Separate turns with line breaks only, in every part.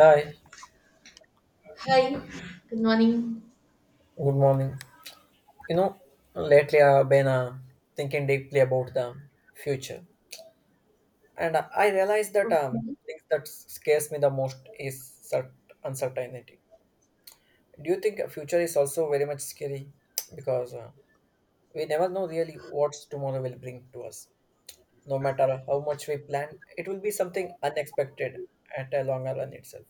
Hi,
Hi, good morning.
good morning. You know, Lately I've been thinking deeply about the future, and I realized that
Uh,
things that scares me the most is cert- uncertainty. Do you think future is also very much scary? Because we never know really what tomorrow will bring to us. No matter how much we plan, it will be something unexpected at a longer run itself.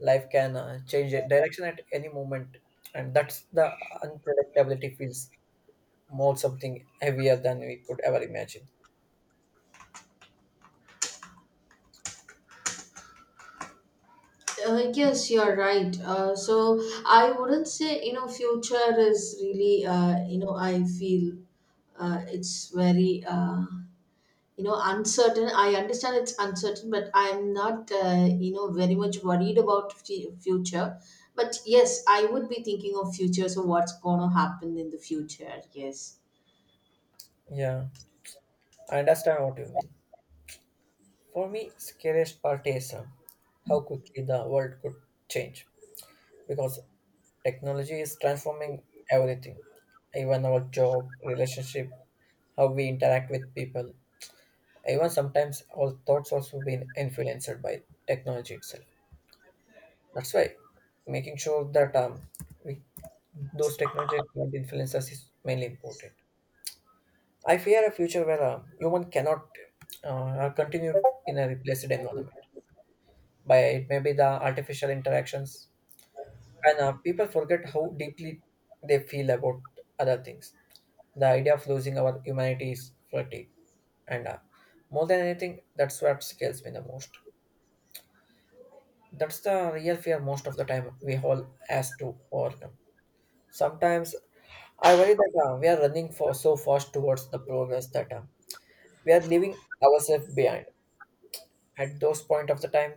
Life can direction at any moment, and that's the unpredictability feels more something heavier than we could ever imagine.
yes, you're right. So I wouldn't say, future is really, I feel it's very, uncertain. I understand it's uncertain, but I'm not, very much worried about future. But yes, I would be thinking of future. So what's going to happen in the future? Yes.
Yeah, I understand what you mean. For me, scariest part is how quickly the world could change, because technology is transforming everything, even our job, relationship, how we interact with people. Even sometimes our thoughts also been influenced by technology itself. That's why making sure that we, those technology don't influence us is mainly important. I fear a future where human cannot continue in a replaced environment by it may be the artificial interactions, and people forget how deeply they feel about other things. The idea of losing our humanity is flirty, and more than anything, that's what scares me the most. That's the real fear most of the time we all has to overcome. Sometimes I worry that we are running for so fast towards the progress that we are leaving ourselves behind. At those point of the time,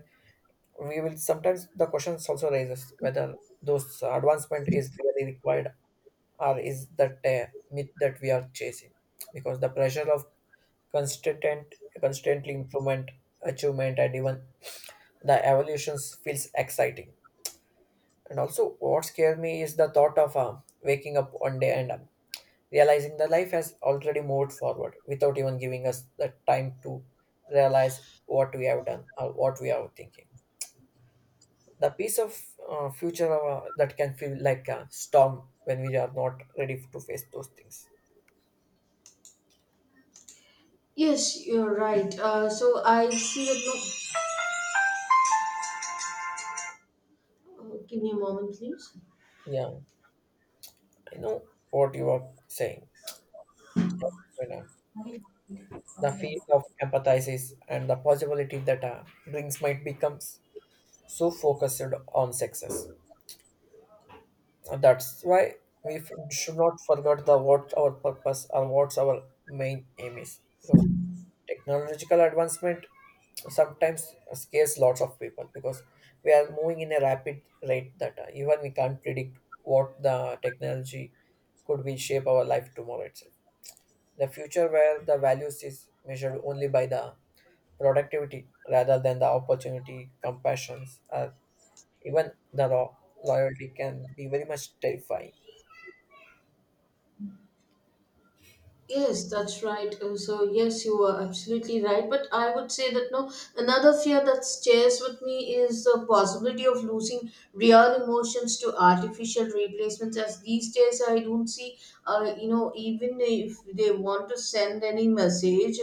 we will sometimes the questions also raises whether those advancement is really required, or is that a myth that we are chasing because the pressure of constant constantly improvement, achievement, and even the evolutions feels exciting. And also what scared me is the thought of waking up one day and realizing the life has already moved forward without even giving us the time to realize what we have done or what we are thinking. The piece of future that can feel like a storm when we are not ready to face those things.
Yes, you're right. So I see that. No, give me a moment, please.
Yeah, I know what you are saying. Yeah, so, the field of empathizes and the possibility that drinks might become so focused on success. And that's why we should not forget the what our purpose or what's our main aim is. Because technological advancement sometimes scares lots of people because we are moving in a rapid rate that even we can't predict what the technology could be shape our life tomorrow itself. The future where the values is measured only by the productivity rather than the opportunity, compassions, or even the law, loyalty can be very much terrifying.
Yes, that's right. So, yes, you are absolutely right. But I would say that no, another fear that stares with me is the possibility of losing real emotions to artificial replacements. As these days, I don't see, even if they want to send any message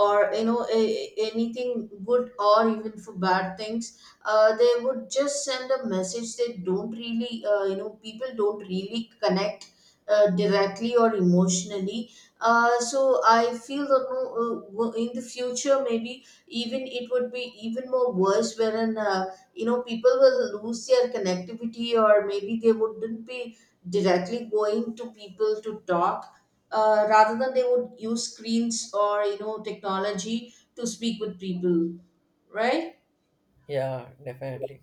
or, anything good or even for bad things, they would just send a message. They don't really, people don't really connect directly or emotionally. So I feel that no, in the future maybe even it would be even more worse, wherein people will lose their connectivity, or maybe they wouldn't be directly going to people to talk, rather than they would use screens or technology to speak with people, right.
Yeah, definitely.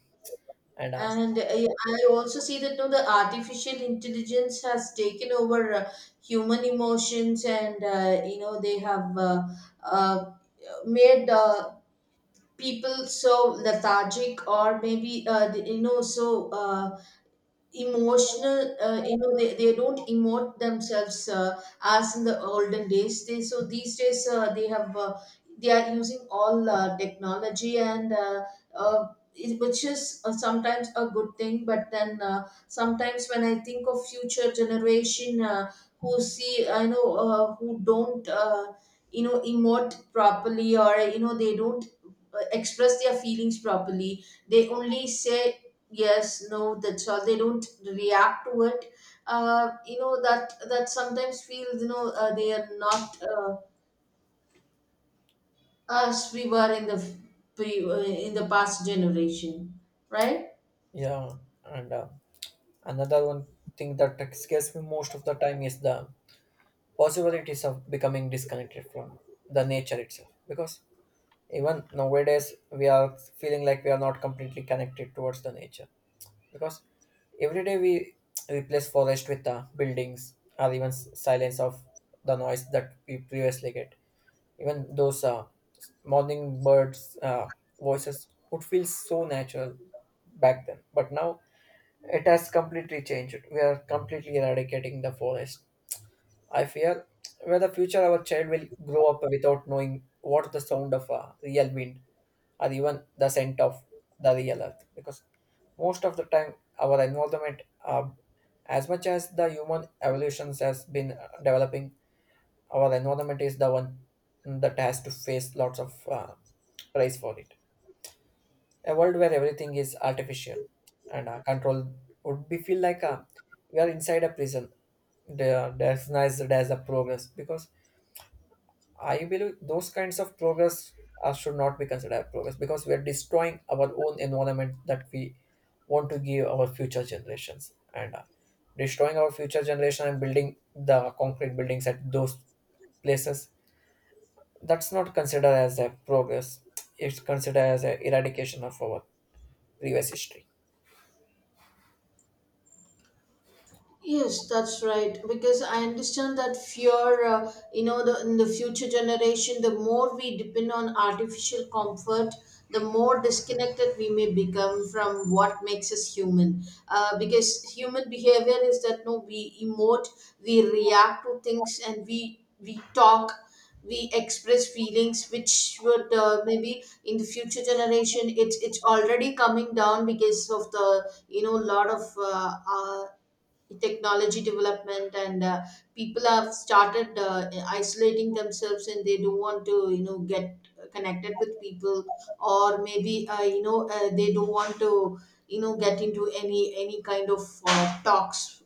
And
And I also see that no, the artificial intelligence has taken over human emotions, and they have uh, made people so lethargic, or maybe so. Emotional they don't emote themselves, as in the olden days they. So these days they are using all technology, and uh, which is sometimes a good thing, but then sometimes when I think of future generation who see I know who don't emote properly, or they don't express their feelings properly, they only say yes, no, that's all, they don't react to it, that sometimes feels they are not us, we were in the in the past generation, right.
yeah, and another one thing that scares me most of the time is the possibilities of becoming disconnected from the nature itself, because even nowadays we are feeling like we are not completely connected towards the nature, because every day we replace forest with buildings, or even silence of the noise that we previously get. Even those morning birds voices would feel so natural back then, but now it has completely changed. We are completely eradicating the forest. I fear where the future our child will grow up without knowing what the sound of a real wind or even the scent of the real earth. Because most of the time, our environment, as much as the human evolutions has been developing, our environment is the one that has to face lots of price for it. A world where everything is artificial and controlled would be feel like we are inside a prison. There's a progress because I believe those kinds of progress should not be considered as progress, because we are destroying our own environment that we want to give our future generations, and destroying our future generation and building the concrete buildings at those places. That's not considered as a progress, it's considered as a eradication of our previous history.
Yes, that's right. Because I understand that fear, in the future generation, the more we depend on artificial comfort, the more disconnected we may become from what makes us human. Because human behavior is that no, we emote, we react to things, and we talk, we express feelings, which would maybe in the future generation, it's already coming down because of the lot of technology development, and people have started isolating themselves, and they don't want to get connected with people, or maybe they don't want to get into any kind of talks,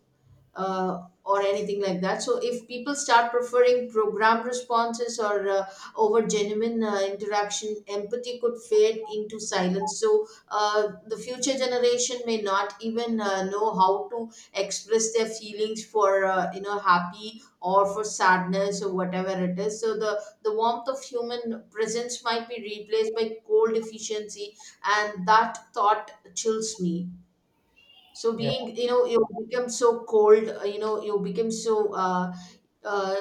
or anything like that. So if people start preferring program responses or over genuine interaction, empathy could fade into silence. So the future generation may not even know how to express their feelings for happy or for sadness or whatever it is. So the warmth of human presence might be replaced by cold efficiency, and that thought chills me. So
yeah
being, you become so cold, you become so uh,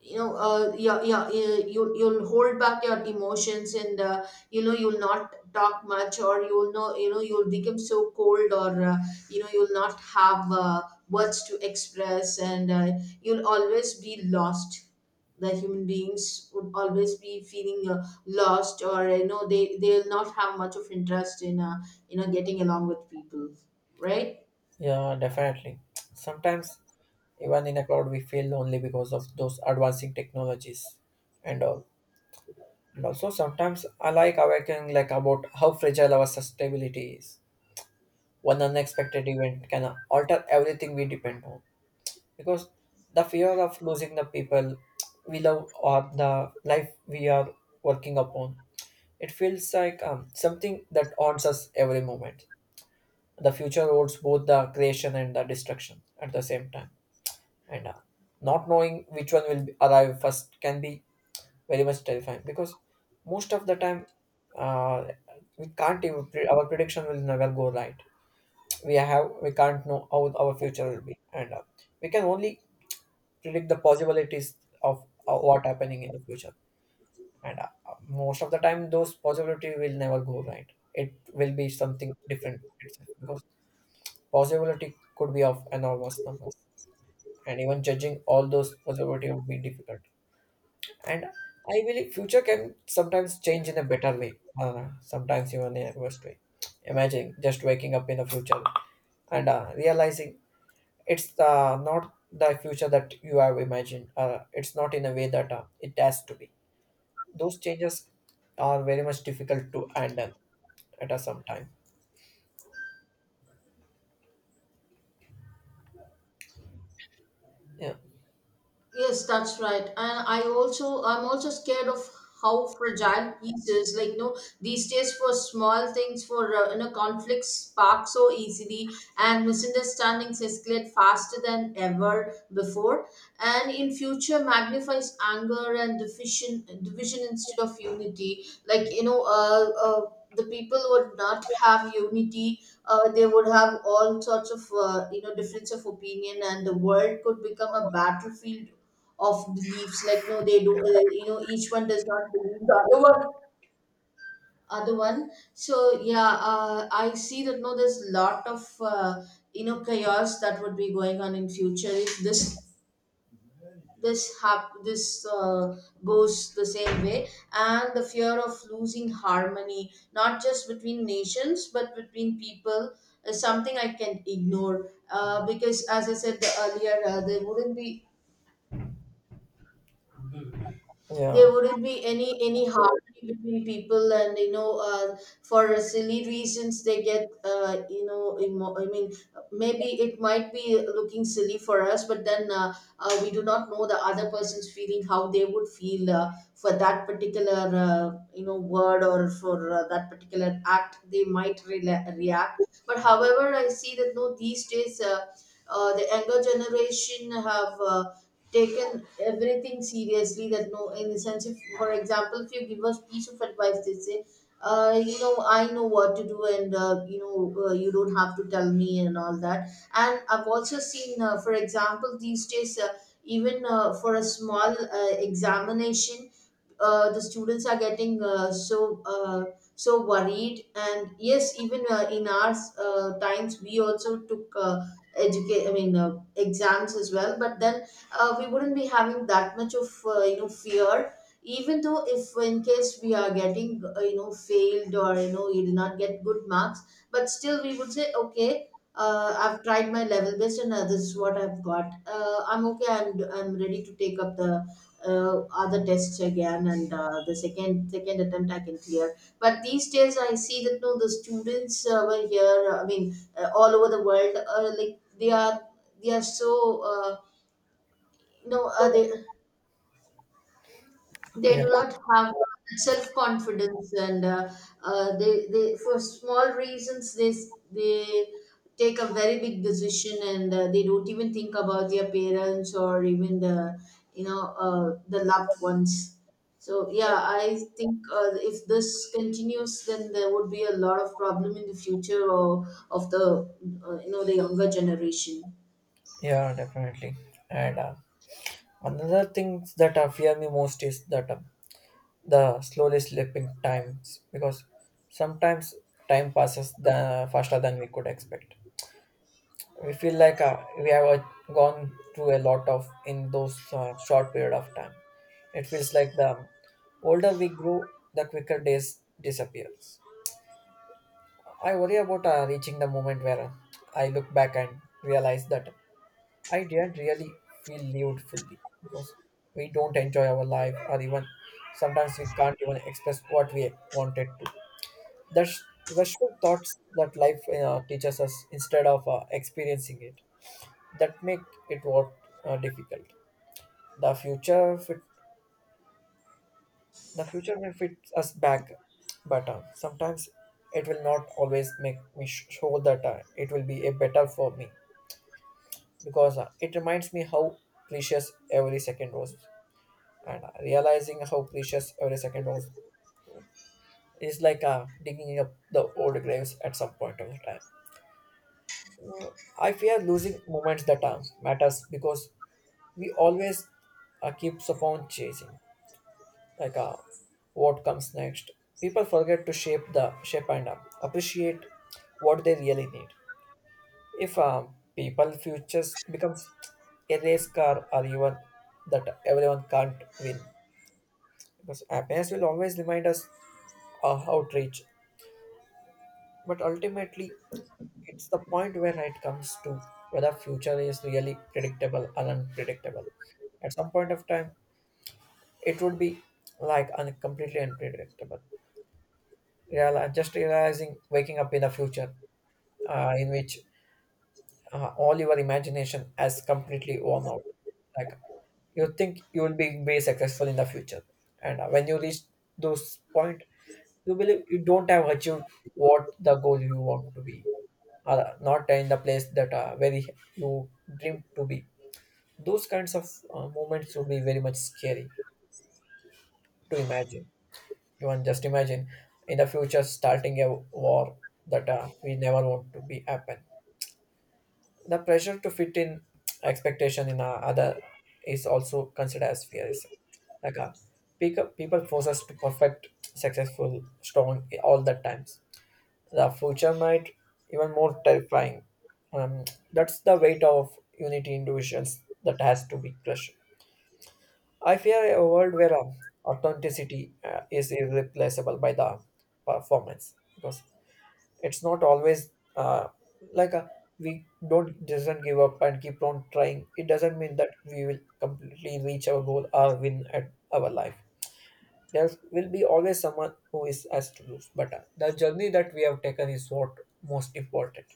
yeah, yeah, yeah, you'll hold back your emotions, and you'll not talk much, or you'll know you'll become so cold, or you'll not have words to express, and you'll always be lost. The human beings would always be feeling lost, or they'll not have much of interest in getting along with people, right.
yeah definitely. Sometimes even in a cloud we feel lonely because of those advancing technologies and all. And also sometimes I like awakening like about how fragile our sustainability is. One unexpected event can alter everything we depend on. Because the fear of losing the people we love or the life we are working upon, it feels like something that haunts us every moment. The future holds both the creation and the destruction at the same time. And not knowing which one will arrive first can be very much terrifying, because most of the time uh, we can't even pre- our prediction will never go right. We can't know how our future will be, and we can only predict the possibilities of what happening in the future. And most of the time those possibility will never go right, it will be something different itself, because possibility could be of enormous numbers and even judging all those possibility would be difficult. And I believe future can sometimes change in a better way, sometimes even in a worse way. Imagine just waking up in the future and realizing it's not the future that you have imagined. It's not in a way that it has to be. Those changes are very much difficult to handle at a some time. Yeah,
Yes, that's right. And I'm also scared of how fragile peace is. Like, these days for small things, for conflicts spark so easily, and misunderstandings escalate faster than ever before, and in future magnifies anger and division instead of unity, like the people would not have unity, they would have all sorts of difference of opinion, and the world could become a battlefield of beliefs, like no, they do each one does not believe the other one so yeah, I see that no, there's a lot of chaos that would be going on in future, if this goes the same way, and the fear of losing harmony, not just between nations but between people, is something I can ignore. Because as I said earlier,
yeah,
there wouldn't be any harmony between people, and for silly reasons they get I mean, maybe it might be looking silly for us, but then we do not know the other person's feeling, how they would feel for that particular word, or for that particular act they might rela react. But however I see that no, these days the younger generation have taken everything seriously that no, in the sense if for example if you give us piece of advice they say I know what to do, and you don't have to tell me and all that. And I've also seen for example these days, even for a small examination, the students are getting so worried. And yes, even in our times we also took educate I mean, exams as well. But then we wouldn't be having that much of fear, even though if in case we are getting failed, or you did not get good marks, but still we would say okay, I've tried my level best, and this is what I've got. I'm okay. I'm ready to take up the other tests again, and the second attempt I can clear. But these days I see that no the students over here, I mean all over the world, like they are so you know uh, they they
yeah,
do not have self confidence, and they for small reasons they take a very big decision, and they don't even think about their parents or even the the loved ones. So yeah, I think if this continues, then there would be a lot of problem in the future, or of the the younger generation.
yeah, definitely. And another thing that fear me most is that. The slowly slipping times, because sometimes time passes the faster than we could expect. We feel like we have gone through a lot of in those short period of time. It feels like the older we grow, the quicker days disappears. I worry about reaching the moment where I look back and realize that I didn't really feel lived fully, because we don't enjoy our life or even sometimes we can't even express what we wanted to. That's the thoughts that life teaches us instead of experiencing it that make it what difficult. The future fit, the future may fit us back, but sometimes it will not always make me sure that it will be a better for me, because it reminds me how precious every second was. And realizing how precious every second was is like digging up the old graves at some point of the time. I fear losing moments that matters because we always keeps upon chasing like what comes next. People forget to shape and appreciate what they really need. If people futures becomes a race car or even that everyone can't win, because happiness will always remind us how to reach, but ultimately it's the point where it comes to whether future is really predictable or unpredictable. At some point of time, it would be like completely unpredictable. Just realizing waking up in the future in which all your imagination has completely worn out. Like you think you will be very successful in the future, and when you reach those point, you believe you don't have achieved what the goal you want to be, not in the place that where you dream to be. Those kinds of moments would be very much scary to imagine. You can just imagine in the future starting a war that we never want to be happen. The pressure to fit in expectation in other is also considered as fear. Is Like people force us to perfect, successful, strong all the times. The future might even more terrifying. Um, that's the weight of unity individuals that has to be crushed. I fear a world where authenticity is irreplaceable by the performance, because it's not always uh, like a, we don't doesn't give up and keep on trying. It doesn't mean that we will completely reach our goal or win at our life. There will be always someone who is has to lose, but the journey that we have taken is what most important.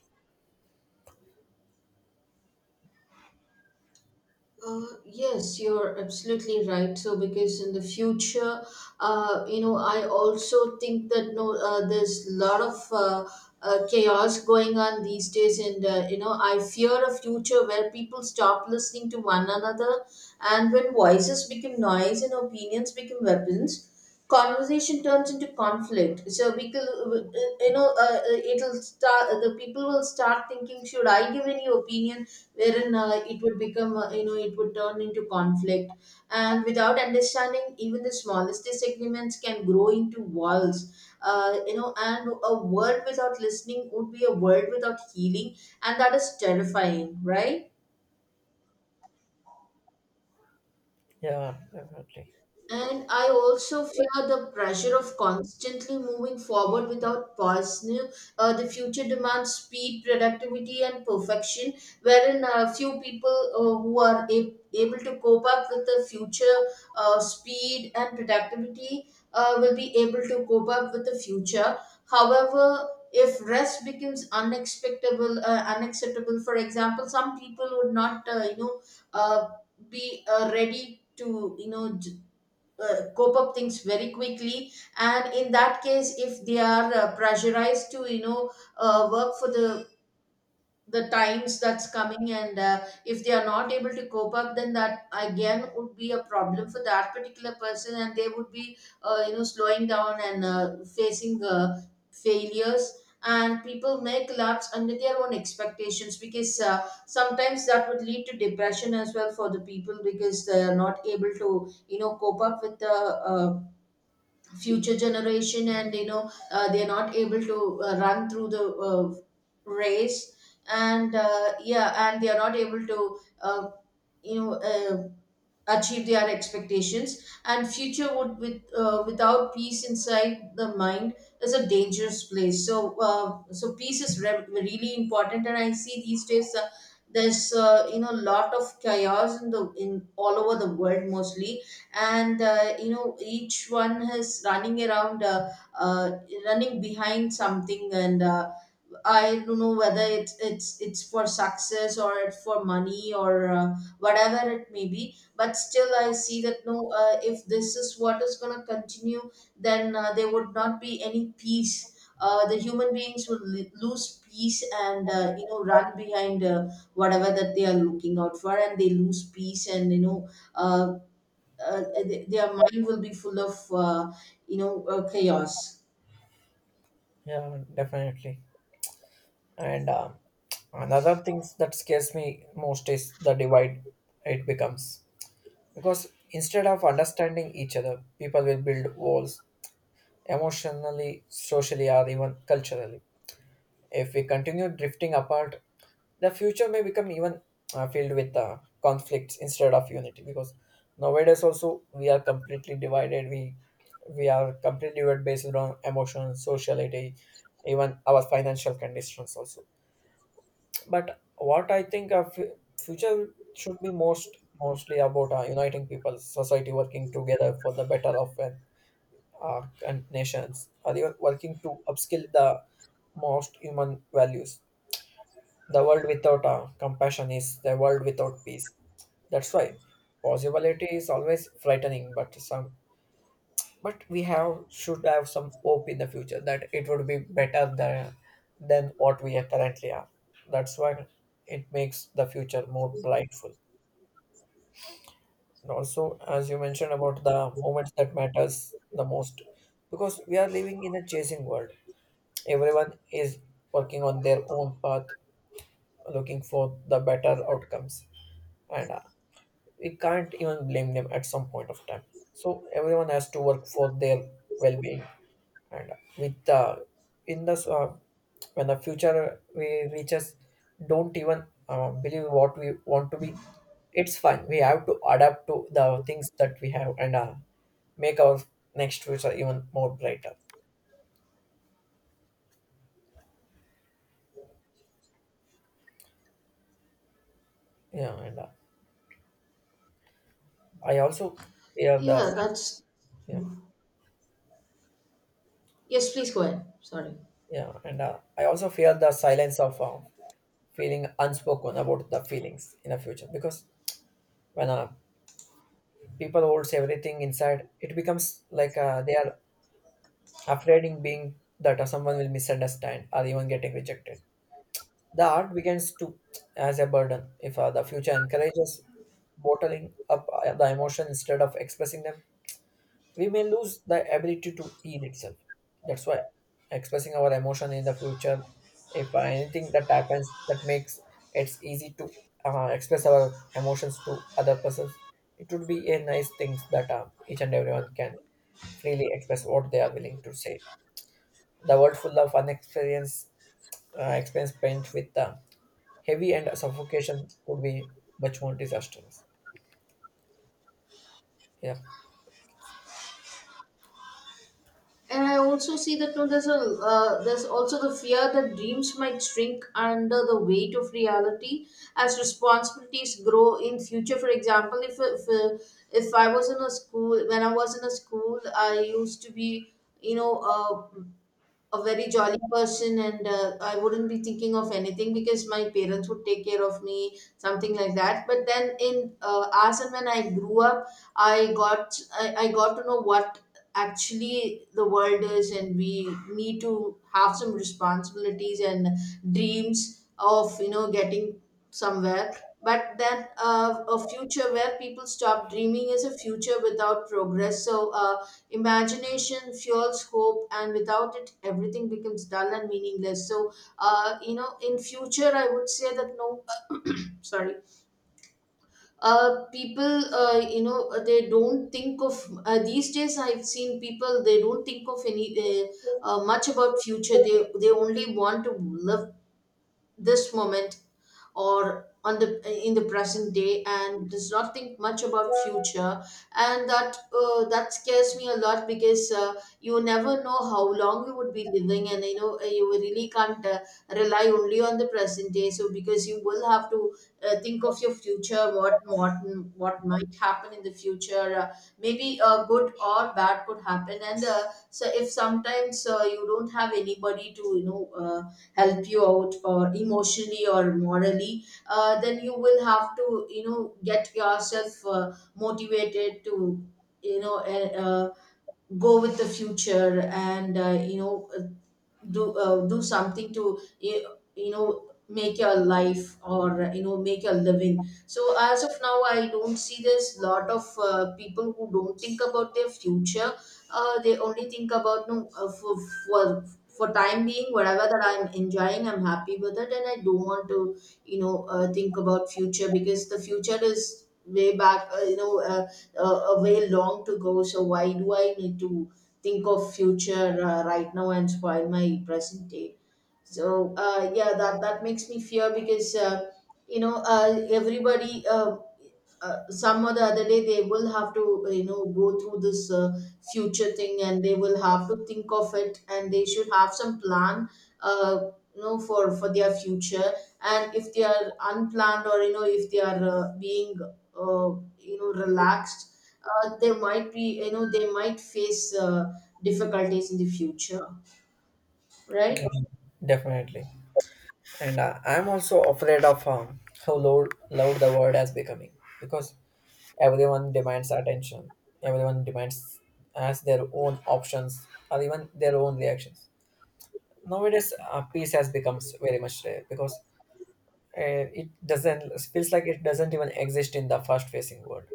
Yes, you're absolutely right. So, because in the future, I also think that no, there's a lot of chaos going on these days, and I fear a future where people stop listening to one another, and when voices become noise and opinions become weapons, conversation turns into conflict. So we could, it'll start the people will start thinking, should I give any opinion, wherein it would become it would turn into conflict. And without understanding, even the smallest disagreements can grow into walls. And a world without listening would be a world without healing, and that is terrifying, right.
Yeah, definitely.
And I also fear the pressure of constantly moving forward without pause. The future demands speed, productivity, and perfection, wherein few people who are able to cope up with the future speed and productivity will be able to cope up with the future. However, if rest becomes unexpectable, unacceptable, for example, some people would not, uh, be ready to cope up things very quickly, and in that case if they are pressurized to work for the times that's coming. And if they are not able to cope up, then that again would be a problem for that particular person, and they would be slowing down and facing failures. And people may collapse under their own expectations, because sometimes that would lead to depression as well for the people, because they are not able to cope up with the future generation. And they're not able to run through the race. And yeah, and they are not able to you know uh, achieve their expectations. And future would with without peace inside the mind is a dangerous place. So so peace is really important, and I see these days there's a lot of chaos in the in all over the world mostly. And each one is running around, uh, running behind something. And I don't know whether it's for success or it's for money, or whatever it may be, but still I see that no, if this is what is going to continue, then there would not be any peace. The human beings will lose peace and run behind whatever that they are looking out for, and they lose peace. And uh, their mind will be full of uh, chaos.
Yeah, definitely. And another things that scares me most is the divide it becomes. Because instead of understanding each other, people will build walls emotionally, socially, or even culturally. If we continue drifting apart, the future may become even filled with conflicts instead of unity, because nowadays also we are completely divided. We are completely divided based on emotions, sociality, even our financial conditions also. But what I think of future should be mostly about uniting people, society working together for the better of our nations, or even working to upskill the most human values. The world without compassion is the world without peace. That's why possibility is always frightening, but some but we have should have some hope in the future that it would be better than what we are currently are. That's why it makes the future more brightful. And also, as you mentioned about the moments that matters the most, because we are living in a chasing world. Everyone is working on their own path, looking for the better outcomes and we can't even blame them at some point of time. So everyone has to work for their well-being, and with the in this, when the future we reaches, don't even believe what we want to be. It's fine. We have to adapt to the things that we have and make our next future even more brighter. Yeah, and uh, I also fear the
Yeah, that's...
yeah.
Yes, please go ahead. Sorry.
yeah, and I also fear the silence of feeling unspoken about the feelings in the future because when people holds everything inside it becomes like they are afraid in being that someone will misunderstand or even getting rejected the art begins to as a burden if the future encourages bottling up the emotion instead of expressing them we may lose the ability to heal itself. That's why expressing our emotion in the future, if anything that happens that makes it's easy to express our emotions to other persons, it would be a nice thing that each and everyone can freely express what they are willing to say. The world full of unexperienced experience paint with heavy and suffocation could be much more disastrous. Yeah,
And I also see that no, there's a there's also the fear that dreams might shrink under the weight of reality as responsibilities grow in future. For example, if I was in a school when I was in a school, I used to be you know uh, a very jolly person, and I wouldn't be thinking of anything because my parents would take care of me, something like that. But then in as and when I grew up, I got to know what actually the world is, and we need to have some responsibilities and dreams of getting somewhere. But then a future where people stop dreaming is a future without progress. So imagination fuels hope, and without it, everything becomes dull and meaningless. So, in future, I would say that no, sorry, people, they don't think of these days. I've seen people, they don't think of any much about future. They only want to live this moment, or on the in the present day, and does not think much about future. And that that scares me a lot, because you never know how long you would be living, and you know you really can't rely only on the present day. So because you will have to think of your future, what what might happen in the future. Maybe good or bad could happen. And so if sometimes you don't have anybody to help you out, or emotionally or morally, then you will have to get yourself motivated to you know eh, uh, go with the future. And do do something to you, you know make your life, or you know, make your living. So as of now, I don't see this, lot of people who don't think about their future. They only think about no, for for time being, whatever that I'm enjoying, I'm happy with it, and I don't want to think about future, because the future is way back, uh, a way long to go. So why do I need to think of future right now and spoil my present day? So yeah, that makes me fear, because everybody, some or the other day, they will have to go through this future thing, and they will have to think of it, and they should have some plan, uh, for their future. And if they are unplanned, or you know, if they are being uh, relaxed, they might be, you know, they might face difficulties in the future, right?
definitely. And I'm also afraid of how loud the world has becoming because everyone demands attention. Everyone demands as their own options or even their own reactions. Nowadays, peace has become very much rare because uh, it doesn't it feels like it doesn't even exist in the fast facing world.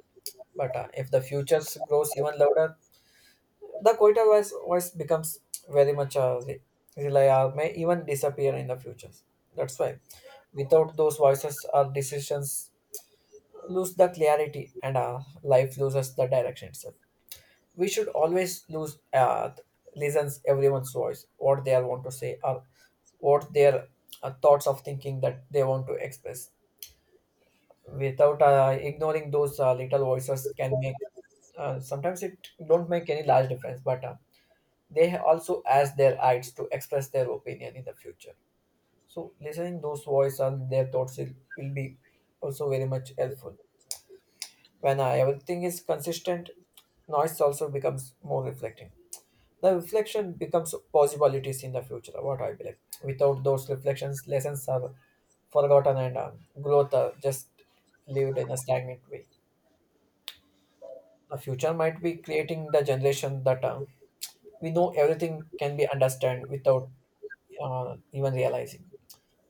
But if the future grows even louder, the quieter voice becomes very much rely or may even disappear in the future. That's why without those voices, our decisions lose the clarity and our life loses the direction itself. We should always lose listens everyone's voice, what they are want to say or what their thoughts of thinking that they want to express. Without ignoring those little voices can make sometimes it don't make any large difference, but they also ask their rights to express their opinion in the future so listening those voice and their thoughts will be also very much helpful when everything is consistent noise also becomes more reflecting the reflection becomes possibilities in the future what I believe without those reflections lessons are forgotten and growth are just lived in a stagnant way the future might be creating the generation that we know everything can be understood without even realizing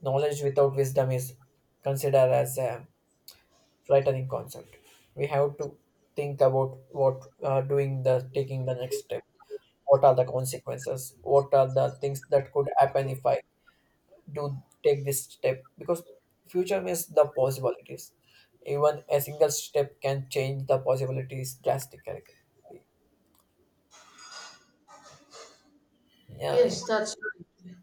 knowledge without wisdom is considered as a frightening concept. We have to think about what doing the taking the next step. What are the consequences? What are the things that could happen if I do take this step? Because future means the possibilities. Even a single step can change the possibilities drastically. Yeah,
Yes, that's right.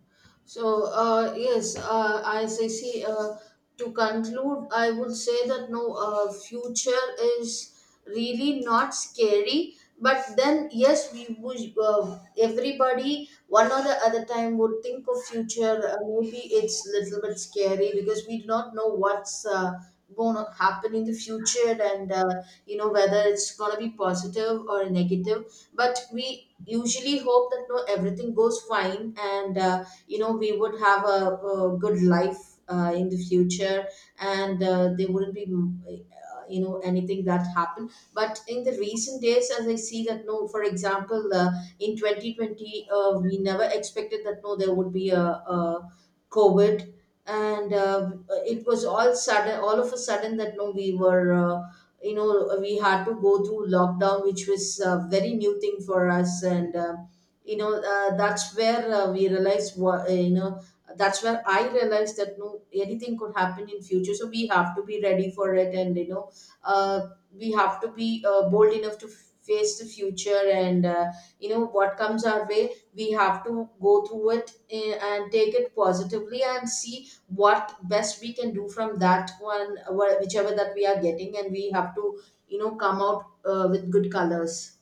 So, yes, as I see, to conclude, I would say that no, future is really not scary. But then, yes, we would, everybody, one or the other time, would think of future. Maybe it's little bit scary because we do not know what's going to happen in the future, and, whether it's going to be positive or negative. But we usually hope that no, everything goes fine, and we would have a good life in the future. And there wouldn't be anything that happened. But in the recent days, as I see that no, for example, in 2020 we never expected that no, there would be a COVID. And it was all sudden, all of a sudden, that no, we were we had to go through lockdown, which was a very new thing for us. And that's where we realized what, that's where I realized that no, anything could happen in future. So we have to be ready for it, and you know, uh, we have to be bold enough to face the future. And what comes our way, we have to go through it, and take it positively, and see what best we can do from that one, whichever that we are getting. And we have to come out with good colors.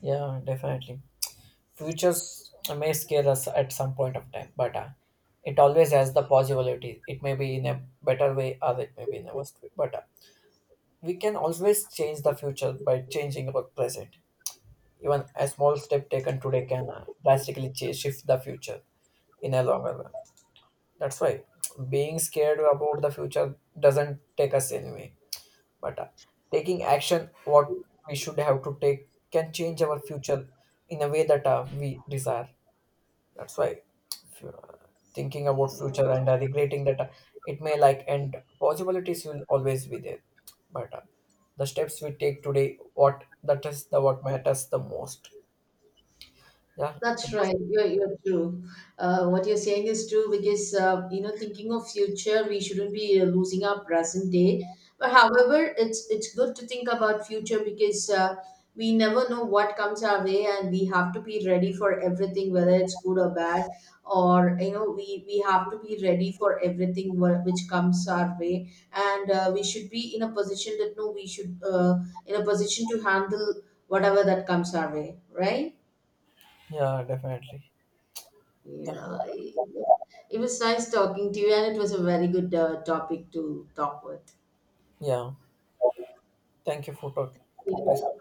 yeah, definitely. Futures may scare us at some point of time, but it always has the possibility. It may be in a better way or it may be in a worse way, but we can always change the future by changing our present. Even a small step taken today can drastically shift the future in a longer run. That's why being scared about the future doesn't take us anyway, but taking action what we should have to take can change our future in a way that we desire. That's why thinking about future and regretting that it may like end. Possibilities will always be there but the steps we take today what that is the what matters the most. yeah it
That's
was,
right. You're true. What you're saying is true, because thinking of future, we shouldn't be losing our present day. But however, it's good to think about future, because we never know what comes our way, and we have to be ready for everything, whether it's good or bad. Or you know, we have to be ready for everything which comes our way. And we should be in a position that no, we should in a position to handle whatever that comes our way, right?
Yeah, definitely. yeah
Yeah, it was nice talking to you, and it was a very good topic to talk with.
yeah thank you for talk, this
Yeah.